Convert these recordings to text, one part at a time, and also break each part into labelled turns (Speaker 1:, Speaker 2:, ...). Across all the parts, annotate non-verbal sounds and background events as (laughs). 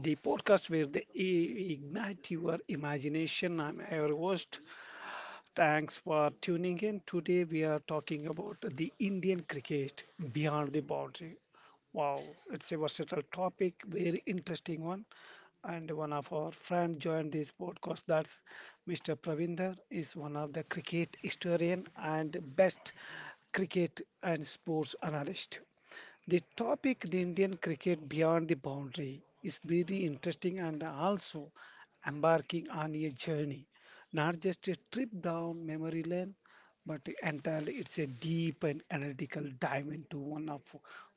Speaker 1: the podcast where they ignite your imagination. I'm your host. Thanks for tuning in. Today we are talking about the Indian cricket beyond the boundary. Wow, it's a versatile topic, very interesting one. And one of our friends joined this podcast. That's Mr. Pravinder is one of the cricket historian and best cricket and sports analyst. The topic, the Indian cricket beyond the boundary, is very interesting and also embarking on a journey. Not just a trip down memory lane, but entirely it's a deep and analytical dive into one of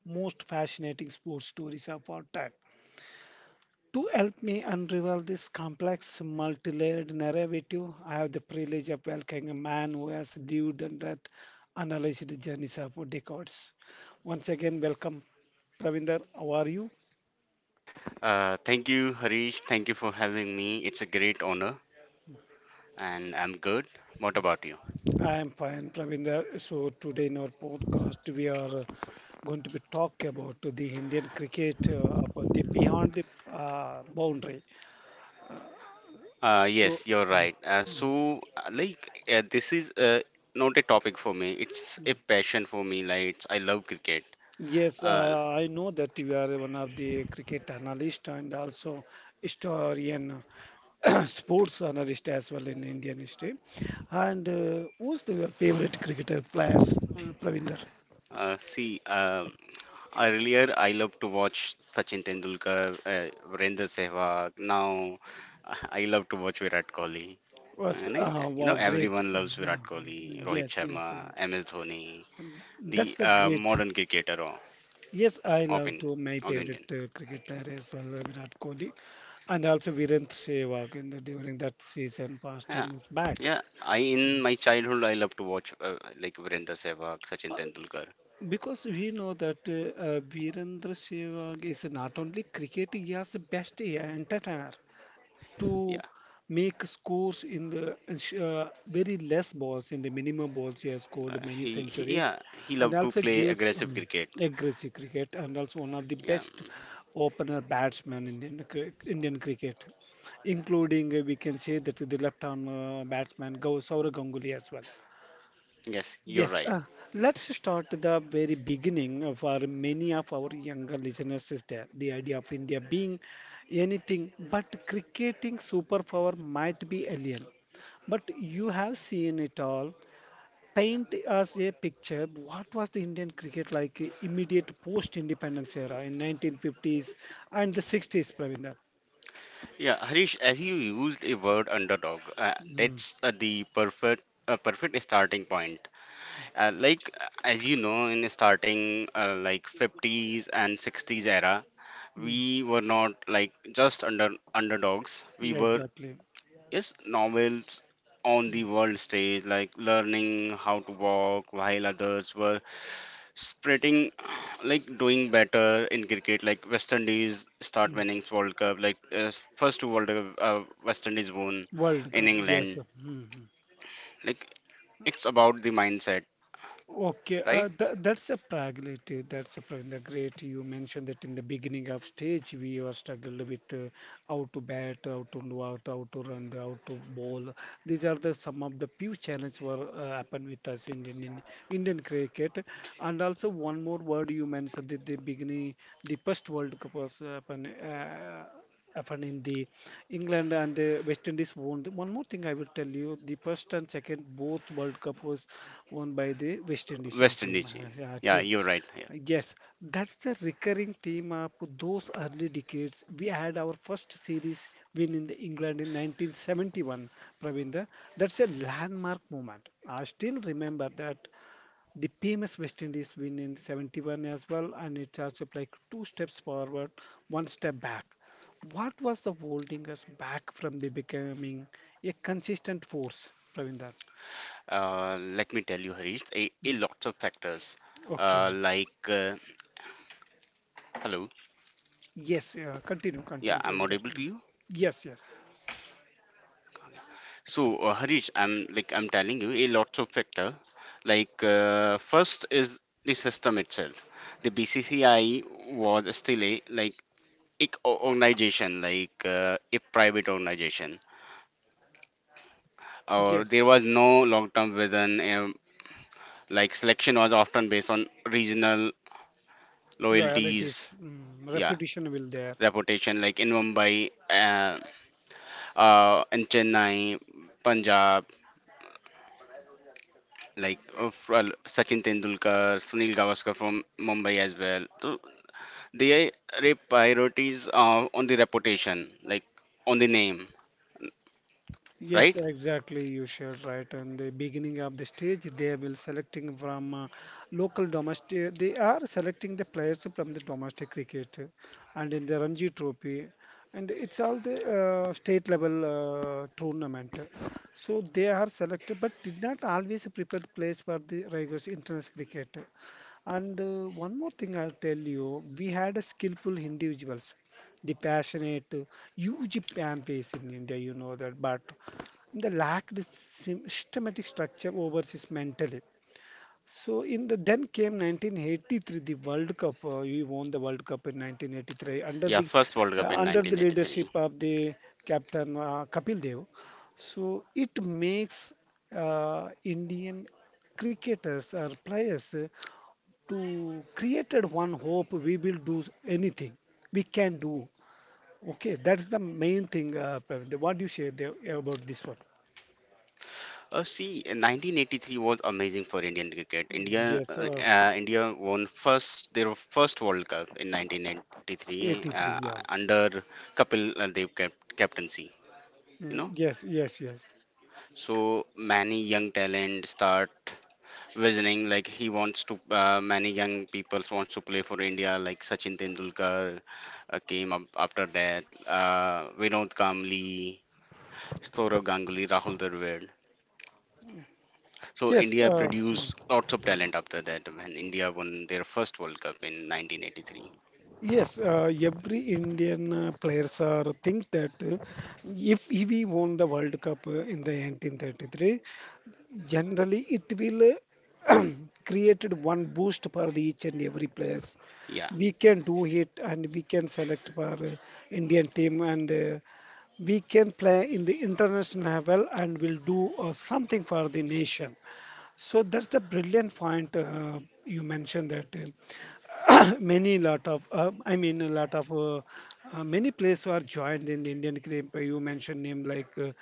Speaker 1: most fascinating sports stories of our time. To help me unravel this complex, multi layered narrative, I have the privilege of welcoming a man who has lived and death analyzed the journeys of decades. Once again, welcome, Pravinder. How are you?
Speaker 2: Thank you, Harish. Thank you for having me. It's a great honor, and I'm good. What about you?
Speaker 1: I am fine, Pravinder. So, today in our podcast, we are going to be talk about the Indian cricket up the beyond the boundary. Uh, so,
Speaker 2: Yes, you're
Speaker 1: mm,
Speaker 2: right.
Speaker 1: mm.
Speaker 2: So, like, This is not a topic for me. It's a passion for me. Like, I love cricket.
Speaker 1: Yes,
Speaker 2: Uh,
Speaker 1: I know that you are one of the cricket analyst and also historian, (clears throat) sports analyst as well in Indian history. And who's the, your favorite cricketer players, Pravinder?
Speaker 2: uh, see, um, Earlier I loved to watch Sachin Tendulkar, Virendra Sehwag. Now, (laughs) I love to watch Virat Kohli.
Speaker 1: Was
Speaker 2: And, uh,
Speaker 1: Wow, great.
Speaker 2: Everyone loves
Speaker 1: Yeah.
Speaker 2: Virat Kohli, Rohit
Speaker 1: Yes,
Speaker 2: Sharma,
Speaker 1: yes.
Speaker 2: MS Dhoni, the
Speaker 1: That's a great.
Speaker 2: modern cricketer.
Speaker 1: Yes, I love
Speaker 2: Open
Speaker 1: to my
Speaker 2: all Indian.
Speaker 1: favorite cricket player as well, Virat Kohli, and also Virendra Sehwag in the during that season past
Speaker 2: Yeah,
Speaker 1: 10 years back.
Speaker 2: yeah. I In my childhood I love to watch like Virendra Sehwag, Sachin
Speaker 1: Uh,
Speaker 2: Tendulkar.
Speaker 1: Because we know that Virendra Sehwag is not only cricket, he has the best entertainer
Speaker 2: Yeah,
Speaker 1: to make scores in the very less balls, in the minimum balls, he has scored many centuries
Speaker 2: he
Speaker 1: and
Speaker 2: loved to
Speaker 1: also
Speaker 2: play
Speaker 1: gives
Speaker 2: aggressive cricket.
Speaker 1: aggressive cricket and also one of the
Speaker 2: Yeah,
Speaker 1: best
Speaker 2: mm,
Speaker 1: opener batsmen in Indian, Indian cricket, including we can say that the left-arm batsman Saurav Ganguly as well.
Speaker 2: yes, you're
Speaker 1: Yes,
Speaker 2: right.
Speaker 1: let's start the very beginning of our many of our younger listeners is there. The idea of India being anything but cricketing superpower might be alien. But you have seen it all. Paint us a picture. What was the Indian cricket like immediate post-independence era in 1950s and the 60s, Pravinder?
Speaker 2: Yeah, Harish, as you used a word underdog,
Speaker 1: Mm,
Speaker 2: that's the perfect a perfect starting point. As you know, in the starting like 50s and 60s era,
Speaker 1: mm,
Speaker 2: we were not like just underdogs. We
Speaker 1: yeah,
Speaker 2: were.
Speaker 1: exactly.
Speaker 2: Yes, novels on the
Speaker 1: Mm,
Speaker 2: world stage, like learning how to walk while others were spreading, (sighs) like doing better in cricket. Like West Indies start
Speaker 1: mm.
Speaker 2: winning World Cup, first two World Cup, West Indies won
Speaker 1: World
Speaker 2: in
Speaker 1: Cup, yes.
Speaker 2: England.
Speaker 1: Mm, mm.
Speaker 2: Like it's about the mindset,
Speaker 1: Okay,
Speaker 2: right?
Speaker 1: that's a pragmatic. Great. You mentioned that in the beginning of stage, we were struggled with how to bat, how to know out, how to run, how to bowl. These are the some of the few challenges were happen with us in Indian cricket. And also one more word you mentioned at the beginning, the first World Cup was happen in the England and West Indies won. One more thing I will tell you: the first and second both World Cup was won by the West Indian
Speaker 2: West
Speaker 1: team.
Speaker 2: Indies team.
Speaker 1: Uh, uh,
Speaker 2: Yeah,
Speaker 1: team.
Speaker 2: you're right. Yeah.
Speaker 1: Yes, that's the recurring theme of those early decades. We had our first series win in the England in 1971, Pravinda. That's a landmark moment. I still remember that the famous West Indies win in 71 as well, and it's also like two steps forward, one step back. What was the holding us back from the becoming a consistent force, Pravinder?
Speaker 2: Let me tell you, Harish, a
Speaker 1: Mm,
Speaker 2: lots of factors. Uh,
Speaker 1: okay.
Speaker 2: like, uh, Hello.
Speaker 1: Yes, continue,
Speaker 2: Yeah,
Speaker 1: continue,
Speaker 2: I'm
Speaker 1: Pravinder.
Speaker 2: audible to
Speaker 1: Mm.
Speaker 2: you.
Speaker 1: Yes, yes,
Speaker 2: Harish, I'm telling you a lots of factor. First is the system itself. The BCCI was still a like organization, a private organization, or there
Speaker 1: yes.
Speaker 2: was no long-term vision. Like selection was often based on regional
Speaker 1: Loyalties,
Speaker 2: loyalties, yeah,
Speaker 1: repetition will there.
Speaker 2: reputation. Like in Mumbai, in Chennai, Punjab. Sachin Tendulkar, Sunil Gavaskar from Mumbai as well. So they are priorities on the reputation, like on the name,
Speaker 1: Yes,
Speaker 2: right?
Speaker 1: exactly. You shared right. And the beginning of the stage, they will selecting from local domestic. They are selecting the players from the domestic cricket and in the Ranji Trophy, and it's all the state level tournament. So they are selected, but did not always prepare the players for the rigorous international cricket. And one more thing I'll tell you, we had a skillful individuals, the passionate, huge fan base in India, you know that, but they lacked systematic structure overseas mentally. So in the then came 1983, the World Cup. We won the World Cup in 1983 under
Speaker 2: Yeah,
Speaker 1: the
Speaker 2: first World
Speaker 1: uh,
Speaker 2: Cup in
Speaker 1: under the
Speaker 2: 1983.
Speaker 1: leadership of the captain Kapil Dev. So it makes Indian cricketers or players to created one hope. We will do anything. We can do. Okay, that's the main thing. Praveen. What do you say there about this one?
Speaker 2: See, 1983 was amazing for Indian cricket.
Speaker 1: Yes.
Speaker 2: India won first their first World Cup in 1983
Speaker 1: 83, yeah.
Speaker 2: under Kapil Dev captaincy. You
Speaker 1: Mm,
Speaker 2: know,
Speaker 1: yes, yes, yes,
Speaker 2: so many young talent start visioning like he wants to many young people wants to play for India like Sachin Tendulkar came up after that Vinod Kamli, Saurav Ganguly, Rahul Dravid. So
Speaker 1: yes,
Speaker 2: India
Speaker 1: mm,
Speaker 2: produced lots of talent after that when India won their first World Cup in 1983.
Speaker 1: yes, every indian players are think that if we won the world cup in the 1933, generally it will uh, (clears throat) created one boost for the each and every players.
Speaker 2: Yeah.
Speaker 1: We can do it, and we can select for indian team, and we can play in the international level and will do something for the nation. So that's the brilliant point you mentioned that (coughs) many lot of I mean a lot of many players were joined in Indian cricket. You mentioned name like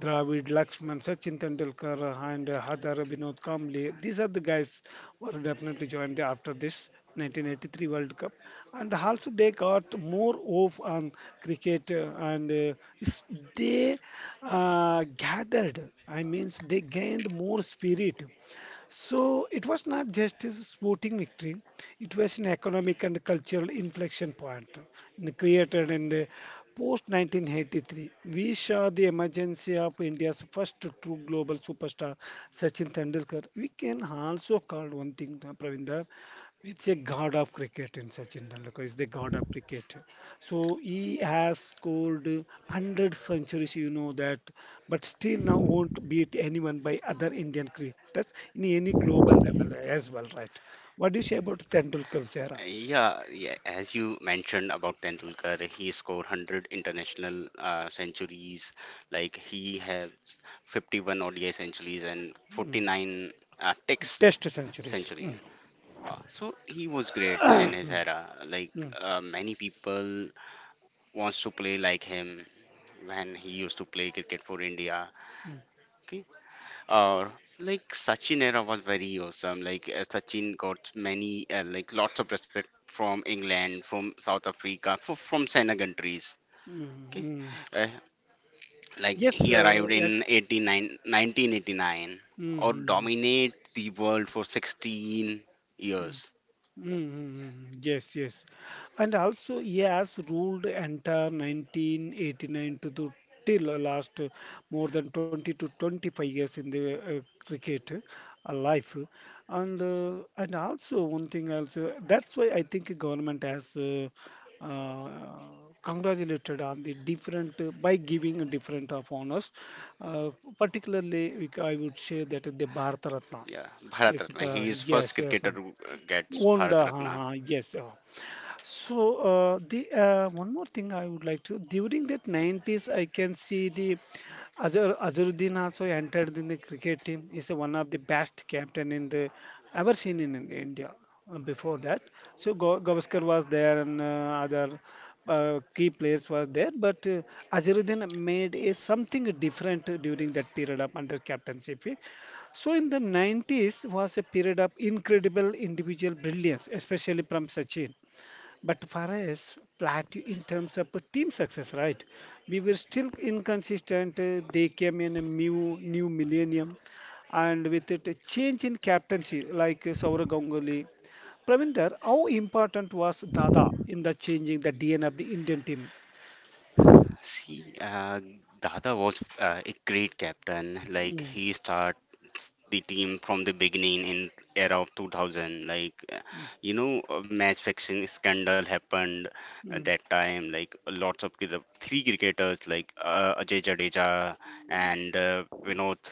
Speaker 1: Dravid, Lakshman, Sachin Tendulkar, and Hadar Vinod Kamble. These are the guys were definitely joined after this 1983 World Cup, and also they got more of on cricket and is- they gathered. I means they gained more spirit, so it was not just a sporting victory, it was an economic and cultural inflection point created in the post 1983. We saw the emergence of India's first true global superstar, Sachin Tendulkar. We can also call one thing, Pravinder, it's a god of cricket in Sachin Tendulkar, is the god of cricket. So he has scored 100 centuries, you know that, but still now won't beat anyone by other Indian cricketers in any global level as well, right? What do you say about Tendulkar's era?
Speaker 2: Yeah, yeah, as you mentioned about Tendulkar, he scored 100 international centuries. Like he has 51 ODI centuries and 49 text
Speaker 1: Test centuries. Mm,
Speaker 2: centuries. So he was great in his era.
Speaker 1: mm,
Speaker 2: Many people wants to play like him when he used to play cricket for India. Okay, uh, like Sachin era was very awesome. Sachin got many, like lots of respect from England, from South Africa, from China countries.
Speaker 1: mm,
Speaker 2: Okay,
Speaker 1: mm.
Speaker 2: uh, like
Speaker 1: Yes,
Speaker 2: he arrived
Speaker 1: yeah.
Speaker 2: in 89, 1989,
Speaker 1: Mm,
Speaker 2: or
Speaker 1: mm, mm.
Speaker 2: dominate the world for 16
Speaker 1: Mm.
Speaker 2: years.
Speaker 1: Mm-hmm. Yes, yes. And also, he has ruled entire 1989 to the till last, more than 20 to 25 years in the cricket life. And also one thing also that's why I think government has uh, congratulated on the different by giving different of honors. Uh, Particularly, I would say that the Bharat Ratna.
Speaker 2: Yeah, Bharat
Speaker 1: Yes,
Speaker 2: Ratna. He
Speaker 1: but
Speaker 2: is first
Speaker 1: yes, yes.
Speaker 2: cricketer who gets Bharat
Speaker 1: Wonder.
Speaker 2: Ratna.
Speaker 1: Yes, so the one more thing I would like to during that 90s I can see the Azharuddin also entered in the cricket team. He's one of the best captain in the ever seen in India. Before that, so Gavaskar was there and other key players were there, but Azharuddin made a something different during that period of under captainship. So in the 90s was a period of incredible individual brilliance, especially from Sachin. But for us, plateau in terms of team success, right? We were still inconsistent. They came in a new millennium, and with it, a change in captaincy, like Saurav Ganguly. Pravinder, how important was Dada in the changing the DNA of the Indian team?
Speaker 2: See, Dada was a great captain. Like
Speaker 1: Mm,
Speaker 2: he starts the team from the beginning in era of 2000.
Speaker 1: mm,
Speaker 2: You know, a match fixing scandal happened at
Speaker 1: mm.
Speaker 2: that time. Like lots of three cricketers like Ajay Jadeja and Vinod,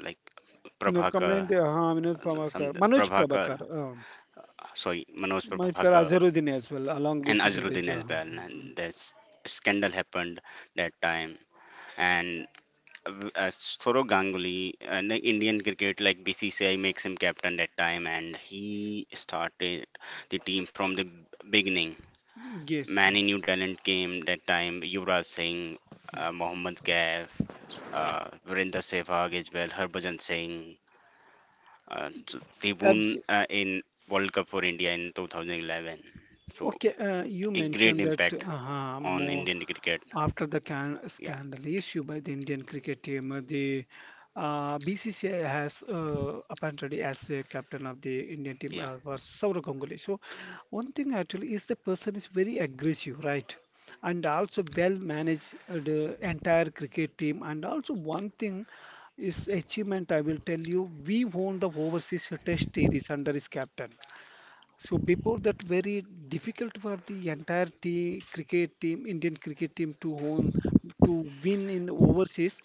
Speaker 2: like
Speaker 1: Vinod Kamble
Speaker 2: Prabhakar,
Speaker 1: हाँ Vinod
Speaker 2: uh,
Speaker 1: Prabhakar
Speaker 2: some
Speaker 1: Manoj
Speaker 2: Prabhakar,
Speaker 1: Prabhakar हाँ,
Speaker 2: sorry, Manoj
Speaker 1: Manoj Prabhakar
Speaker 2: Prabhakar
Speaker 1: Azharuddin as well along with
Speaker 2: and Azruddin
Speaker 1: Jadeja
Speaker 2: as
Speaker 1: हाँ,
Speaker 2: well.
Speaker 1: हाँ,
Speaker 2: And this scandal happened that time and Sourav Ganguly, an Indian cricket like BCCI makes him captain that time, and he started the team from the beginning.
Speaker 1: हाँ. Yes.
Speaker 2: Many new talent came that time. Yuvraj Singh, Mohammad Kaif, Virender Sehwag as well, Harbhajan Singh. So they won in World Cup for India in 2011. So
Speaker 1: Okay, you
Speaker 2: a great
Speaker 1: mentioned that
Speaker 2: impact on
Speaker 1: more
Speaker 2: Indian cricket.
Speaker 1: after the can
Speaker 2: Yeah,
Speaker 1: scandal issue by the Indian cricket team, the BCCI has appointed as a captain of the Indian team
Speaker 2: yeah.
Speaker 1: was Sourav Ganguly. So one thing actually is the person is very aggressive, right? And also well managed the entire cricket team. And also one thing is achievement I will tell you, we won the overseas test series under his captain. So before that, very difficult for the entire team, cricket team, Indian cricket team to own, to win in overseas.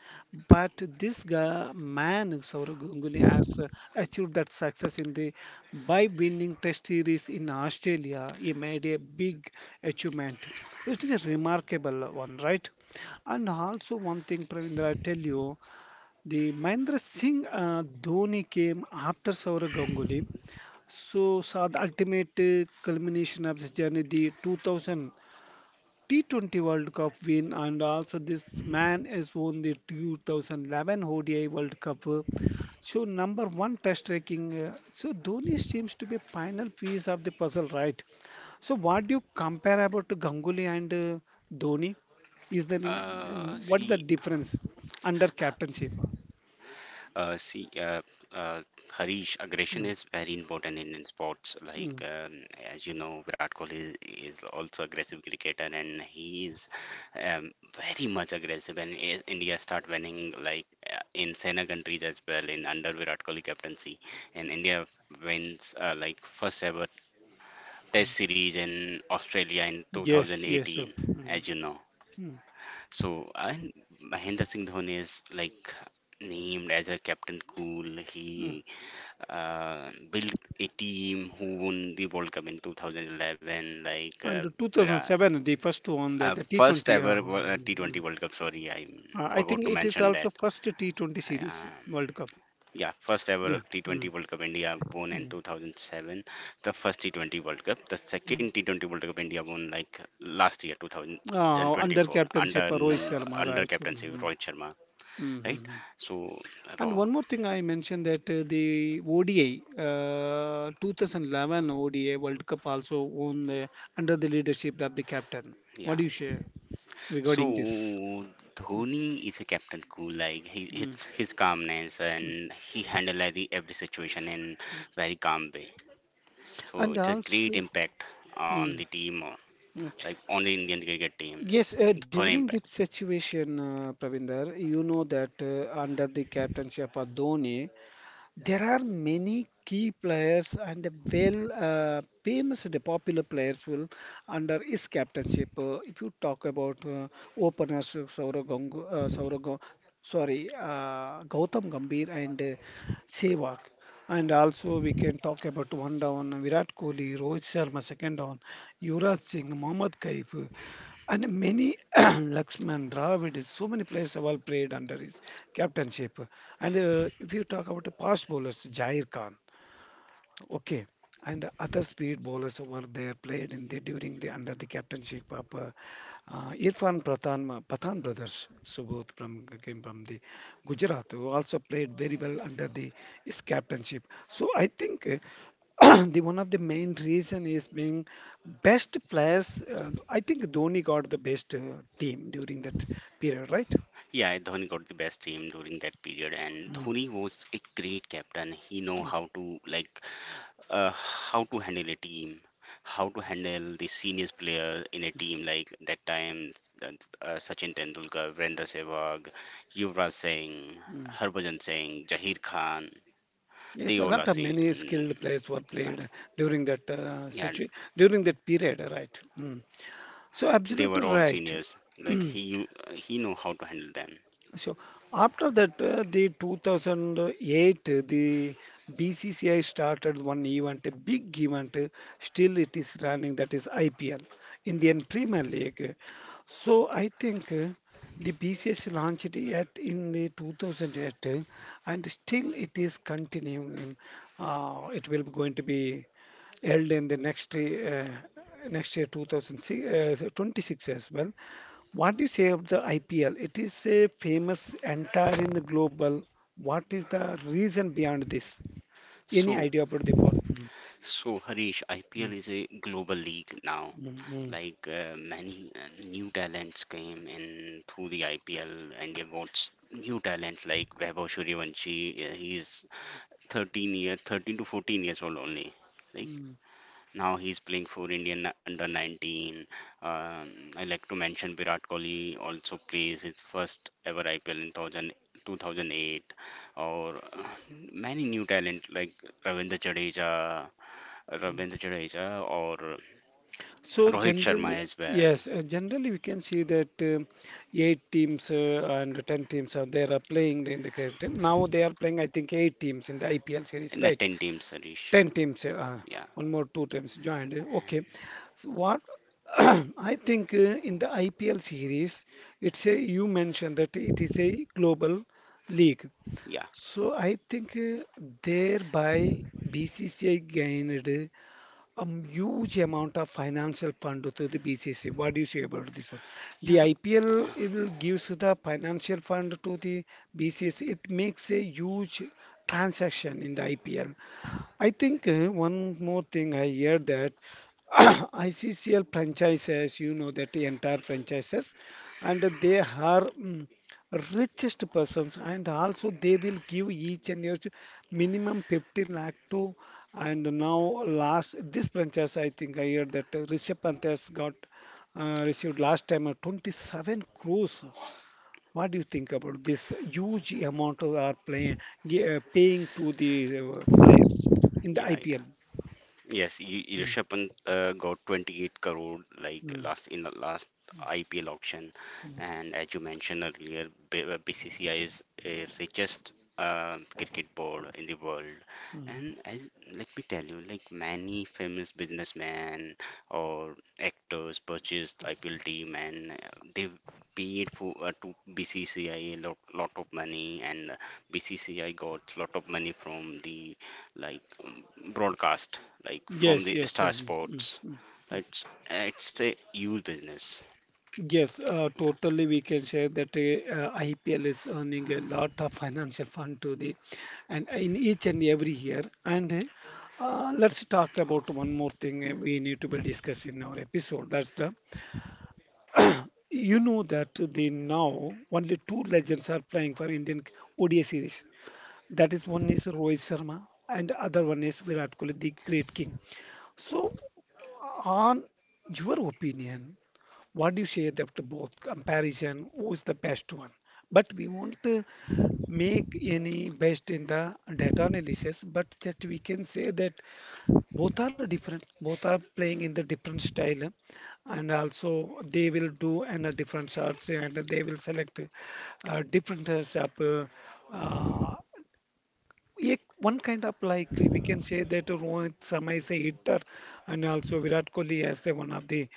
Speaker 1: But this guy, man, Saurav Ganguly has achieved that success in the by winning Test series in Australia. He made a big achievement. It is a remarkable one, right? And also one thing, Pravindra, I tell you, the Mahendra Singh Dhoni came after Saurav Ganguly. So, saw the ultimate culmination of this journey, the 2000 T20 World Cup win, and also this man has won the 2011 ODI World Cup. So, number one test ranking. So, Dhoni seems to be final piece of the puzzle, right? So, what do you compare about to Ganguly and Dhoni? Is there any,
Speaker 2: Uh,
Speaker 1: what is the
Speaker 2: see,
Speaker 1: difference under captainship?
Speaker 2: Uh, see, uh, uh, Harish, aggression
Speaker 1: Mm,
Speaker 2: is very important in sports.
Speaker 1: mm.
Speaker 2: As you know, Virat Kohli is also aggressive cricketer, and he is um, very much aggressive. India start winning like in Sena countries as well in under Virat Kohli captaincy, and India wins like first ever Test series in Australia in
Speaker 1: Yes, yes, sir.
Speaker 2: 2018,
Speaker 1: Mm,
Speaker 2: as you know.
Speaker 1: mm,
Speaker 2: So, and Mahendra Singh Dhoni is like named as a Captain Cool.
Speaker 1: mm.
Speaker 2: He built a team who won the World Cup in 2011.
Speaker 1: And
Speaker 2: Virat-
Speaker 1: 2007, the first one, the, the
Speaker 2: First
Speaker 1: T20.
Speaker 2: ever
Speaker 1: Mm,
Speaker 2: T20
Speaker 1: mm.
Speaker 2: World Cup. Sorry, I
Speaker 1: I
Speaker 2: forgot
Speaker 1: think
Speaker 2: to
Speaker 1: it is
Speaker 2: mention
Speaker 1: also
Speaker 2: that.
Speaker 1: first T20 series
Speaker 2: Um,
Speaker 1: World Cup.
Speaker 2: yeah, first ever
Speaker 1: Yeah.
Speaker 2: T20
Speaker 1: Mm,
Speaker 2: World Cup India won in
Speaker 1: mm.
Speaker 2: 2007. The first T20 World Cup. The second T20 World Cup India won like last year,
Speaker 1: Under
Speaker 2: 2024, under
Speaker 1: captainship of Rohit Sharma, right?
Speaker 2: captaincy of
Speaker 1: Mm-hmm.
Speaker 2: Rohit Sharma, right?
Speaker 1: Mm-hmm.
Speaker 2: So
Speaker 1: And
Speaker 2: raw,
Speaker 1: one more thing I mentioned that the ODI, 2011 ODI World Cup also won under the leadership of the captain. What
Speaker 2: yeah.
Speaker 1: do you share
Speaker 2: So
Speaker 1: regarding this? Mm,
Speaker 2: Dhoni is a captain cool, like he
Speaker 1: mm,
Speaker 2: his calmness
Speaker 1: mm.
Speaker 2: and he handle every situation in very calm way. So
Speaker 1: And
Speaker 2: it's a great
Speaker 1: also,
Speaker 2: impact on
Speaker 1: mm,
Speaker 2: the team,
Speaker 1: mm.
Speaker 2: like on the Indian cricket team.
Speaker 1: Yes,
Speaker 2: Dhoni
Speaker 1: during
Speaker 2: impact.
Speaker 1: this situation, Pravinder, you know that under the captaincy of Dhoni, there are many key players and the well famous the popular players will under his captainship. If you talk about openers Saurav Gangu, Saurav Ga- sorry, Gautam Gambhir and Sehwag. And also we can talk about one down Virat Kohli, Rohit Sharma second down, Yuvraj Singh, Mohammad Kaif. And many (clears throat) Lakshman, Dravid, is so many players have all played under his captainship. And if you talk about the past bowlers, Jair Khan, okay, and other speed bowlers who were there played in the during the under the captainship of Irfan Prathan, Pathan brothers, Subodh from came from the Gujarat, who also played very well under the his captainship. So I think. (clears throat) The one of the main reason is being best players. I think Dhoni got the best team during that period, right?
Speaker 2: Yeah, Dhoni got the best team during that period, and
Speaker 1: Mm,
Speaker 2: Dhoni was a great captain. He know how to like how to handle a team, how to handle the seniors player in a team like that time that, Sachin Tendulkar, Virendra Sehwag, Yuvraj Singh,
Speaker 1: mm.
Speaker 2: Harbhajan Singh, Jahir Khan.
Speaker 1: Yes,
Speaker 2: They
Speaker 1: a
Speaker 2: all
Speaker 1: lot
Speaker 2: are
Speaker 1: of many
Speaker 2: seen.
Speaker 1: skilled players were
Speaker 2: Yeah,
Speaker 1: played during that
Speaker 2: yeah,
Speaker 1: situ during that period, right? Mm. So
Speaker 2: they were
Speaker 1: absolutely
Speaker 2: all
Speaker 1: right.
Speaker 2: seniors. Like
Speaker 1: (clears throat)
Speaker 2: he, he know how to handle them.
Speaker 1: So after that, the 2008, the BCCI started one event, a big event. Still, it is running. That is IPL, Indian Premier League. So I think the BCCI launched it in the 2008, and still it is continuing. It will be going to be held in the next next year 2026 as well. What is you say of the IPL? It is a famous entire in the global. What is the reason behind this? Any
Speaker 2: So,
Speaker 1: idea about the point? Mm,
Speaker 2: so Harish, IPL
Speaker 1: mm,
Speaker 2: is a global league now.
Speaker 1: mm, mm,
Speaker 2: Many new talents came in through the IPL. India got new talents like Vaibhav Suryavanshi. He's 13 year, 13 to 14 years old only. Like
Speaker 1: mm.
Speaker 2: now he's playing for Indian under 19. Um, I like to mention Virat Kohli also plays his first ever IPL in two thousand eight, or many new talent like Ravindra Jadeja, Ravindra Jadeja or
Speaker 1: So
Speaker 2: Rohit Sharma
Speaker 1: generally,
Speaker 2: as well.
Speaker 1: yes, generally we can see that eight teams and ten teams are there are playing in the current. Now they are playing, I think, eight teams in the IPL series,
Speaker 2: In the
Speaker 1: right?
Speaker 2: 10 teams, Sarish.
Speaker 1: 10 teams,
Speaker 2: Yeah,
Speaker 1: one more two teams joined. Okay. So what (clears throat) I think in the IPL series, you mentioned that it is a global league.
Speaker 2: yeah,
Speaker 1: So I think thereby BCCI gained a huge amount of financial fund to the BCCI. What do you say about this one?
Speaker 2: yeah,
Speaker 1: The IPL it will gives the financial fund to the BCCI. It makes a huge transaction in the IPL. I think one more thing I hear that (clears throat) ICCL franchises, you know, that the entire franchises, and they are richest persons, and also they will give each and each minimum 50 lakh to. And now, last this franchise, I think I hear that Rishabh Pant has got received last time 27 crores. What do you think about this huge amount of are playing paying to the players in the
Speaker 2: yeah.
Speaker 1: IPL? Mm,
Speaker 2: Rishabh Pant got 28 crore like
Speaker 1: mm.
Speaker 2: last in the last IPL auction, and as you mentioned earlier, BCCI is a richest cricket board in the world. And as let me tell you, like many famous businessmen or actors purchased IPL team, and they paid for to BCCI lot of money, and BCCI got lot of money from the like um, broadcast like from
Speaker 1: Yes,
Speaker 2: the
Speaker 1: yes, yeah,
Speaker 2: Star
Speaker 1: mm, mm,
Speaker 2: Sports.
Speaker 1: mm.
Speaker 2: It's a huge business.
Speaker 1: Yes.
Speaker 2: Yeah.
Speaker 1: Totally, we can say that IPL is earning a
Speaker 2: Uh,
Speaker 1: lot of financial fund to the, and in each and every year. And let's talk about one more thing we need to be discussing in our episode. That's the you know that the now only two legends are playing for Indian ODI series. That is one is Rohit Sharma and other one is Virat Kohli, the great king. So, on your opinion, what do you say that the both comparison? Who is the best one? But we won't make any based in the data analysis, but just we can say that both are different. Both are playing in the different style, and also they will do and different shots, and they will select uh, different uh, sub, uh, uh, yeah, one kind of like we can say that Rohit Sharma is a hitter, and also Virat Kohli as a one of the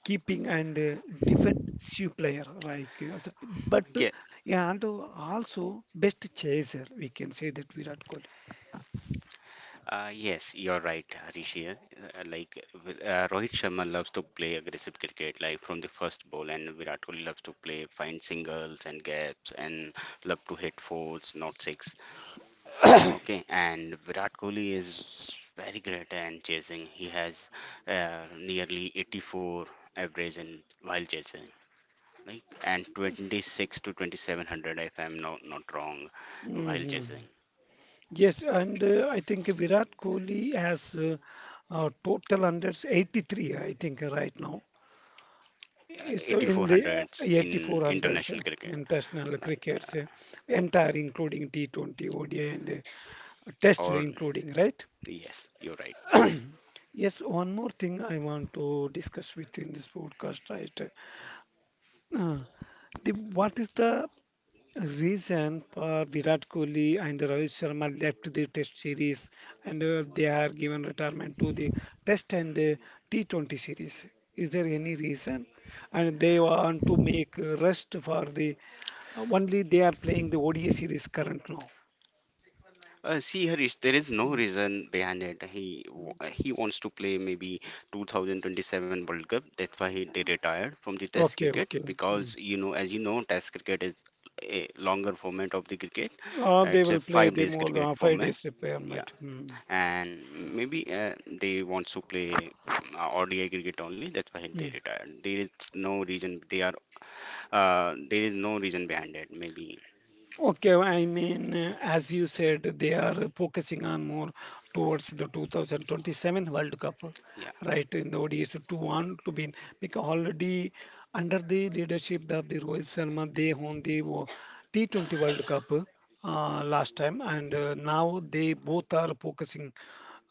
Speaker 1: keeping and defensive player, right? Yes. But
Speaker 2: yeah.
Speaker 1: yeah, and also best chaser, we can say that Virat Kohli.
Speaker 2: Yes, you're right, Rishi. Rohit Sharma loves to play aggressive cricket, like from the first ball, and Virat Kohli loves to play find singles and gaps, and love to hit fours, not six. Okay, and Virat Kohli is very great and chasing. He has nearly 84 average in while chasing, like and 26 to 2700 if I'm not wrong while
Speaker 1: Hmm.
Speaker 2: chasing,
Speaker 1: Yes, and I think Virat Kohli has total under 83, I think, right now. So in the
Speaker 2: 8,400s in
Speaker 1: 8400s,
Speaker 2: international cricket.
Speaker 1: international
Speaker 2: Like
Speaker 1: crickets, entire including T20, ODI and test
Speaker 2: or
Speaker 1: including, right?
Speaker 2: Yes, you're right.
Speaker 1: Yes, one more thing I want to discuss with you in this podcast, right? Uh, the, what is the reason for Virat Kohli and Rohit Sharma left the test series and they are given retirement to the test and the T20 series? Is there any reason? And they want to make rest for the. Only they are playing the ODI series current now.
Speaker 2: See, Harish, there is no
Speaker 1: Mm.
Speaker 2: reason behind it. He wants to play maybe 2027 World Cup. That's why he they retired from the test
Speaker 1: Okay,
Speaker 2: cricket.
Speaker 1: okay.
Speaker 2: Because
Speaker 1: Mm.
Speaker 2: as you know, test cricket is a longer format of the cricket.
Speaker 1: Or they
Speaker 2: It's a
Speaker 1: will play
Speaker 2: five
Speaker 1: the
Speaker 2: days
Speaker 1: more
Speaker 2: cricket
Speaker 1: five
Speaker 2: format.
Speaker 1: days repair.
Speaker 2: Yeah,
Speaker 1: Mm.
Speaker 2: and maybe they want to play ODI cricket only. That's why they
Speaker 1: Mm.
Speaker 2: retired. There is no reason. They are. There is no reason behind it. Maybe.
Speaker 1: Okay, I mean, as you said, they are focusing on more towards the 2027 World Cup,
Speaker 2: Yeah.
Speaker 1: right? In the ODS to want to be because already under the leadership of the Rohit Sharma, they won the T20 World Cup last time, and now they both are focusing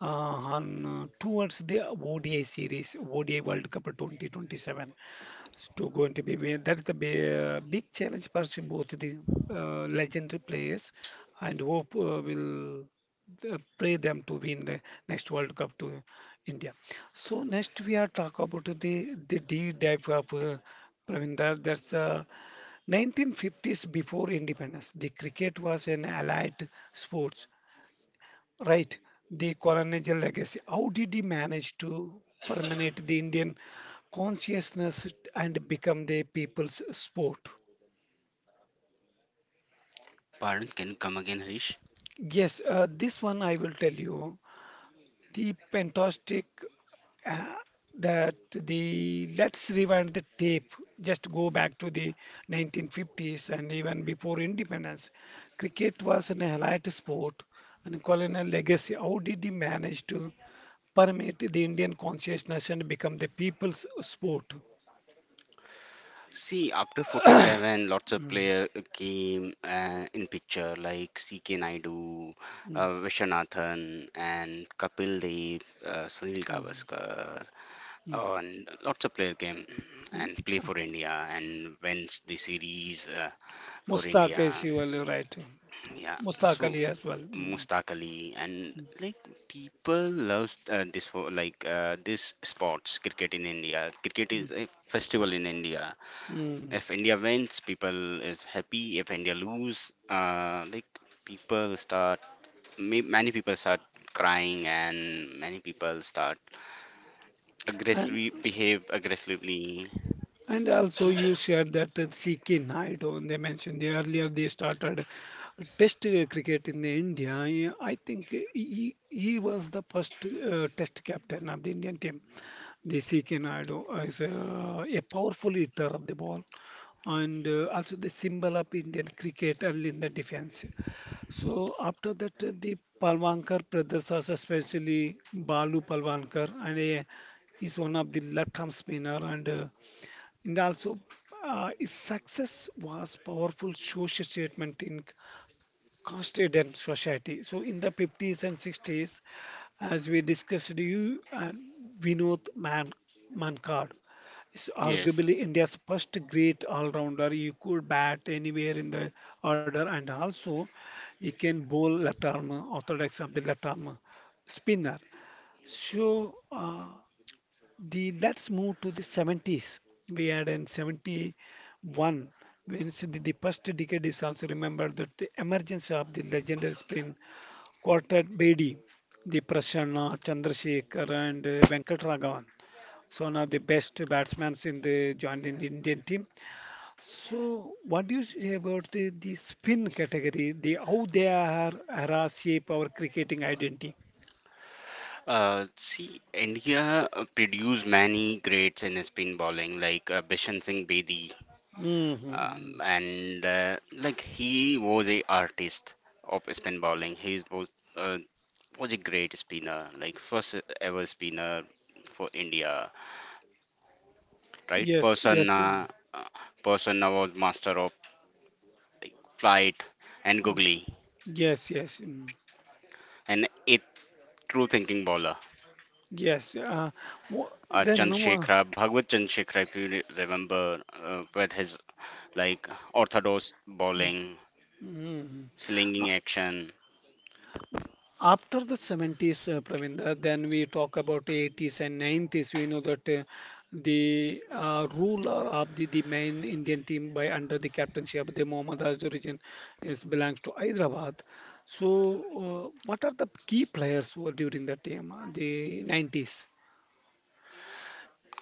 Speaker 1: uh, on towards the ODI series, ODI World Cup 2027. To going to be win. That's the big challenge for both the legendary players, and hope will pray them to win the next World Cup to India. So next we are talk about the deep dive of Pravinder. That's 1950s before independence. The cricket was an allied sport. Right, the colonial legacy. How did he manage to permeate the Indian consciousness and become the people's sport?
Speaker 2: Pardon. Can you come again, Harish?
Speaker 1: Yes, this one I will tell you. The fantastic uh, that the let's rewind the tape just go back to the 1950s and even before independence cricket was an elite sport and colonial legacy how did he manage to permeate the indian consciousness and become the people's sport.
Speaker 2: See, after 47, lots of
Speaker 1: Mm,
Speaker 2: player came in picture like CK Naidu,
Speaker 1: mm,
Speaker 2: Vishwanathan, and Kapil Dev, Sunil
Speaker 1: mm,
Speaker 2: Gavaskar,
Speaker 1: mm.
Speaker 2: oh, and lots of player came and play
Speaker 1: Uh,
Speaker 2: for India and wins the series for
Speaker 1: Mustaq is
Speaker 2: India.
Speaker 1: you are right,
Speaker 2: Yeah,
Speaker 1: mustaq
Speaker 2: so
Speaker 1: ali as well. Mm,
Speaker 2: most Ali and like people love this for like this sports cricket in India. Cricket
Speaker 1: mm,
Speaker 2: is a festival in India.
Speaker 1: mm.
Speaker 2: If India wins, people is happy. If India lose, like people start ma many people start crying and many people start
Speaker 1: and
Speaker 2: aggressively behave aggressively.
Speaker 1: And also, you shared that CK Naidu, and they mentioned the earlier they started test cricket in India. I think he was the first test captain of the Indian team. The CK Naidu is a powerful hitter of the ball and also the symbol of Indian cricket early in the defense. So after that, the Palwankar brothers, also especially Balu Palwankar, and he's one of the left-arm spinner and also, his success was powerful social statement in Constituent society. So in the 50s and 60s, as we discussed, you and Vinod Man Mankad is
Speaker 2: Yes.
Speaker 1: arguably India's first great all-rounder. He could bat anywhere in the order, and also he can bowl left arm, orthodox of the left arm spinner. So. Uh, the let's move to the 70s. We had in 71 when the first decade is also remembered that the emergence of the legendary spin quartet Bedi, the Prasanna, Chandrasekhar and Venkatragavan. So now the best batsmen in the joined in Indian team. So what do you say about the spin category, the how they are era shape our cricketing identity?
Speaker 2: See, India produced many greats in spin bowling like Bishan Singh Bedi,
Speaker 1: Hmm.
Speaker 2: and like he was a artist of spin bowling. He was uh, was a great spinner, like first ever spinner for India, right?
Speaker 1: Yes, yes, mm.
Speaker 2: Uh, Persona was master of like flight and googly,
Speaker 1: Yes, yes. Mm.
Speaker 2: and a true thinking bowler.
Speaker 1: Yes, wha- then
Speaker 2: Chandrasekhar, Bhagwat Chandrasekhar, if you remember, with his like orthodox
Speaker 1: mm,
Speaker 2: bowling,
Speaker 1: mm.
Speaker 2: slinging action.
Speaker 1: After the 70s, Pravinder, then we talk about 80s and 90s. We know that the ruler of the main Indian team by under the captaincy of the Mohammad Azhar region is belongs to Hyderabad. So, what are the key players who were during that time, the 90s?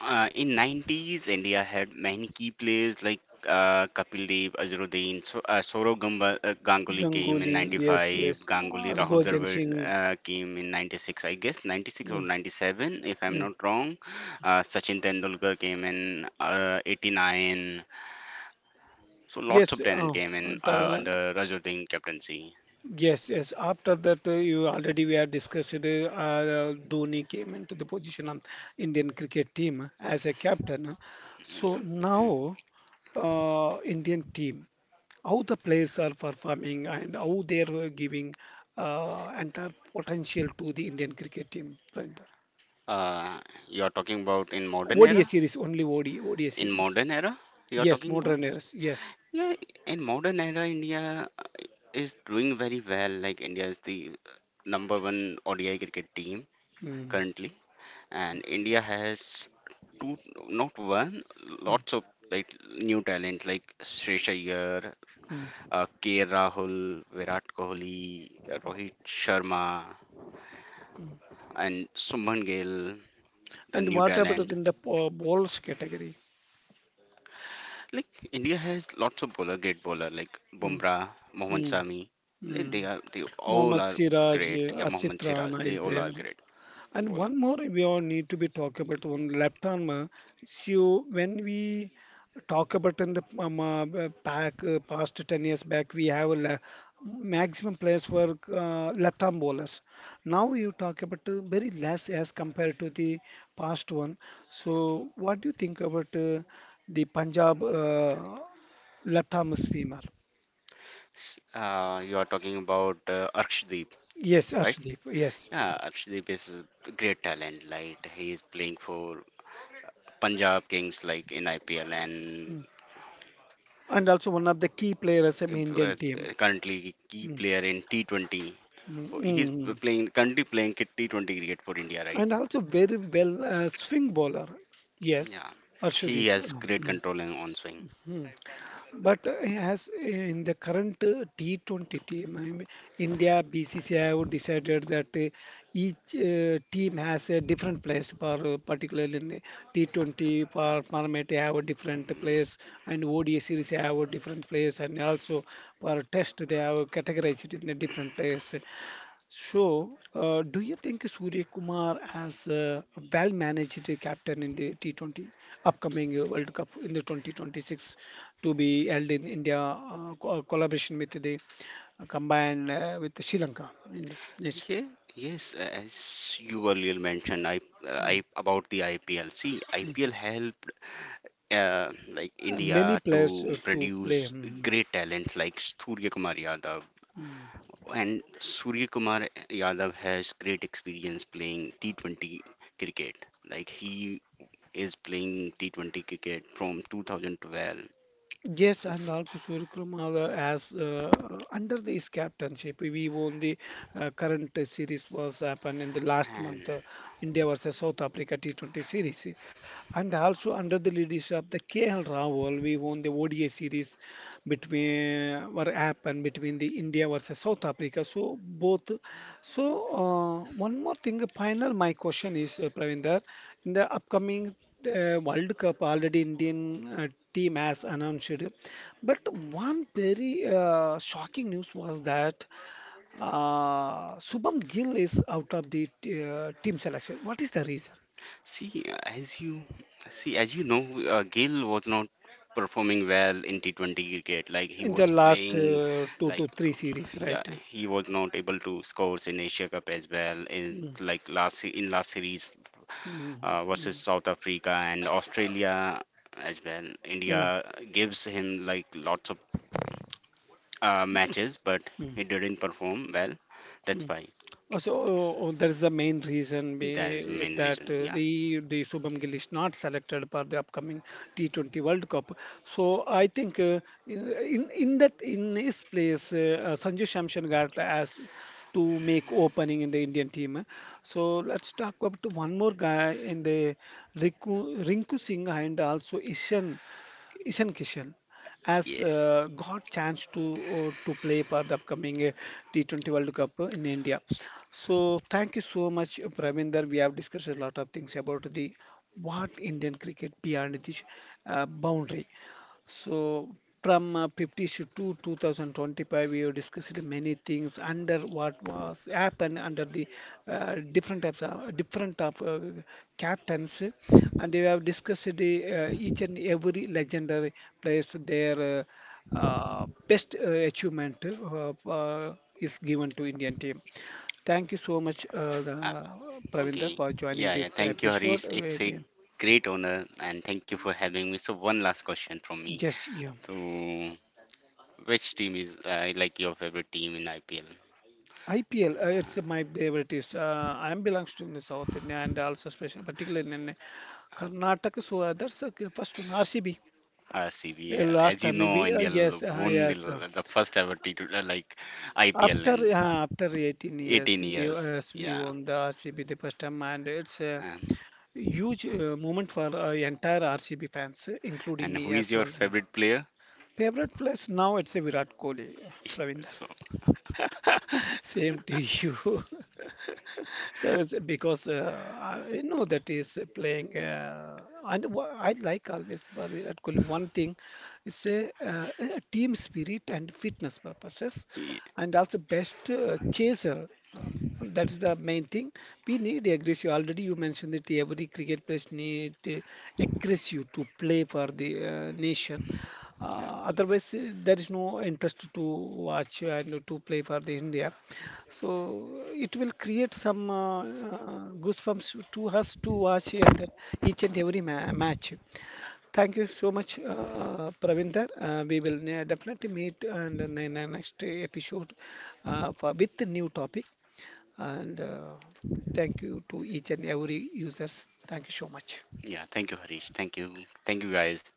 Speaker 2: In 90s, India had many key players like Kapil Dev, Azharuddin, so, Ganguly came in
Speaker 1: Ganguly, yes,
Speaker 2: 95,
Speaker 1: yes,
Speaker 2: Ganguly, Rahul
Speaker 1: Harbhajan
Speaker 2: Dravid
Speaker 1: Singh.
Speaker 2: came in 96, I guess, 96 or
Speaker 1: Mm,
Speaker 2: 97, if I'm
Speaker 1: mm.
Speaker 2: not wrong. Sachin Tendulkar came in 89. So lots
Speaker 1: Yes,
Speaker 2: of talent came in
Speaker 1: Tala.
Speaker 2: under Azharuddin captaincy.
Speaker 1: Yes, yes. After that, you already we are discussed. Dhoni came into the position of Indian cricket team as a captain. So
Speaker 2: Hmm.
Speaker 1: now, Indian team, how the players are performing and how they are giving entire potential to the Indian cricket team. Brandon.
Speaker 2: Uh, you're talking about in modern
Speaker 1: ODI
Speaker 2: era?
Speaker 1: series only ODI ODI
Speaker 2: In
Speaker 1: series.
Speaker 2: modern era, you're
Speaker 1: Yes,
Speaker 2: talking about?
Speaker 1: modern eras. Yes.
Speaker 2: Yeah, in modern era, India is doing very well. Like India is the number one ODI cricket team
Speaker 1: Mm,
Speaker 2: currently, and India has two, not one,
Speaker 1: mm,
Speaker 2: lots of like new talent like Shreyas Iyer,
Speaker 1: mm.
Speaker 2: K. Rahul, Virat Kohli, Rohit Sharma, and Subman Gill. The
Speaker 1: And
Speaker 2: new
Speaker 1: what about
Speaker 2: talent,
Speaker 1: in the balls category?
Speaker 2: like India has lots of bowler, great bowler like
Speaker 1: Mm,
Speaker 2: Bumrah, Mohammad
Speaker 1: mm,
Speaker 2: Sami.
Speaker 1: mm.
Speaker 2: They all
Speaker 1: Mohammad
Speaker 2: are
Speaker 1: Siraj,
Speaker 2: great. Yeah,
Speaker 1: Asif
Speaker 2: Mohammad Siraj.
Speaker 1: Rana is
Speaker 2: They all
Speaker 1: there.
Speaker 2: are great
Speaker 1: And
Speaker 2: bowler.
Speaker 1: one more we all need to be talk about one left arm. So when we talk about in the back past 10 years back, we have a maximum players were left arm bowlers. Now you talk about very less as compared to the past one. So what do you think about the Punjab left arm swimmer?
Speaker 2: You are talking about Arkshdeep,
Speaker 1: Yes,
Speaker 2: right?
Speaker 1: Arshdeep. Yes.
Speaker 2: Yeah, Arkshdeep is a great talent. Like he is playing for Punjab Kings, like in IPL, and
Speaker 1: Hmm. And also one of the key players in
Speaker 2: uh,
Speaker 1: Indian team.
Speaker 2: currently key
Speaker 1: Mm,
Speaker 2: player in T20.
Speaker 1: mm,
Speaker 2: For, he's
Speaker 1: mm. Mm.
Speaker 2: playing currently playing T20 cricket for India, right?
Speaker 1: And also very well swing bowler. Yes,
Speaker 2: Yeah, he
Speaker 1: Arshdeep.
Speaker 2: has
Speaker 1: Mm,
Speaker 2: great
Speaker 1: mm,
Speaker 2: control on swing.
Speaker 1: mm. But as in the current T20 team, I mean, India BCCI have decided that each team has a different place for particularly in the T20 for Parliament they have a different place and ODI series they have a different place and also for test they have categorized it in a different place. So, do you think Surya Kumar as a well-managed captain in the T20 upcoming World Cup in the 2026 to be held in India, collaboration with the combined with Sri Lanka? And yes.
Speaker 2: Yeah, yes, as you earlier mentioned,
Speaker 1: Mm.
Speaker 2: I about the IPL. See, IPL help like
Speaker 1: Many
Speaker 2: India
Speaker 1: players
Speaker 2: to
Speaker 1: to play.
Speaker 2: produce
Speaker 1: Mm.
Speaker 2: great talents like Surya Kumar Yadav.
Speaker 1: Mm.
Speaker 2: And Surya Kumar Yadav has great experience playing T20 cricket. Like he is playing T20 cricket from 2012.
Speaker 1: Yes, and also Suriyakumar as under this captainship, we won the current series was happened in the last
Speaker 2: And.
Speaker 1: month, India versus South Africa T20 series, and also under the leadership of the KL Rahul, we won the ODI series between were happened between the India versus South Africa. So one more thing, final my question is Pravinder, in the upcoming World Cup already Indian team has announced. But one very shocking news was that Shubham Gill is out of the team selection. What is the reason?
Speaker 2: See, as you as you know, Gill was not performing well in T20 cricket. Like he
Speaker 1: In the
Speaker 2: was
Speaker 1: last
Speaker 2: playing,
Speaker 1: two to
Speaker 2: like
Speaker 1: three
Speaker 2: um,
Speaker 1: series,
Speaker 2: yeah,
Speaker 1: right?
Speaker 2: he was not able to score in Asia Cup as well. In
Speaker 1: Mm,
Speaker 2: Like in last series
Speaker 1: mm,
Speaker 2: versus
Speaker 1: mm,
Speaker 2: South Africa and Australia as well. India
Speaker 1: mm,
Speaker 2: gives him like lots of
Speaker 1: yeah,
Speaker 2: matches, but
Speaker 1: mm.
Speaker 2: he didn't perform well. That's
Speaker 1: Mm.
Speaker 2: why.
Speaker 1: That is the main reason
Speaker 2: That is
Speaker 1: be,
Speaker 2: main
Speaker 1: that
Speaker 2: reason. Yeah.
Speaker 1: the Shubham Gill is not selected for the upcoming T20 World Cup. So I think in in that in his place, Sanju Shamshan got as to make opening in the Indian team. So let's talk about one more guy in the Rinku Singh and also Ishan Kishan as
Speaker 2: Yes.
Speaker 1: got chance to play for the upcoming T20 World Cup in India. So thank you so much, Pravinder. We have discussed a lot of things about the what Indian cricket beyond this boundary. So from 50s to 2025, we have discussed many things under what was happened under the different types of different of captains, and we have discussed the each and every legendary players their best achievement is given to Indian team. Thank you so much,
Speaker 2: Uh,
Speaker 1: Pravinder,
Speaker 2: okay.
Speaker 1: for joining
Speaker 2: Yeah, yeah.
Speaker 1: this
Speaker 2: Thank you,
Speaker 1: episode.
Speaker 2: Harish. It's a great honor, and thank you for having me. So, one last question from me.
Speaker 1: Just you.
Speaker 2: So, which team is like your favorite team in IPL?
Speaker 1: IPL, it's my favorite. Is I am belongs to in the South India and also especially particularly in Karnataka. So that's first one RCB.
Speaker 2: RCB, yeah.
Speaker 1: Last
Speaker 2: As you
Speaker 1: time
Speaker 2: know,
Speaker 1: we
Speaker 2: India won the first ever like IPL
Speaker 1: after
Speaker 2: in
Speaker 1: uh, after 18
Speaker 2: 18
Speaker 1: years
Speaker 2: years.
Speaker 1: we
Speaker 2: Yeah.
Speaker 1: won the RCB the first time and it's a
Speaker 2: And,
Speaker 1: huge moment for entire RCB fans, including
Speaker 2: and
Speaker 1: me
Speaker 2: who is
Speaker 1: as
Speaker 2: your
Speaker 1: well.
Speaker 2: favorite player?
Speaker 1: Favorite place now it's a Virat Kohli,
Speaker 2: (laughs)
Speaker 1: Pravinder.
Speaker 2: So,
Speaker 1: (laughs) Same to you. (laughs) So it's because I know that is playing, I like always, but we are calling one thing. It's a team spirit and fitness purposes,
Speaker 2: yeah.
Speaker 1: and also best chaser. Uh, that is the main thing. We need aggressive. Already you mentioned that every cricket player need aggressive to play for the nation.
Speaker 2: Yeah.
Speaker 1: Otherwise, there is no interest to watch and to play for the India. So it will create some goosebumps to us to watch and each and every ma match. Thank you so much, Pravinder. We will definitely meet and in the next episode with the new topic. And thank you to each and every users. Thank you so much.
Speaker 2: Yeah, thank you, Harish. Thank you. Thank you, guys.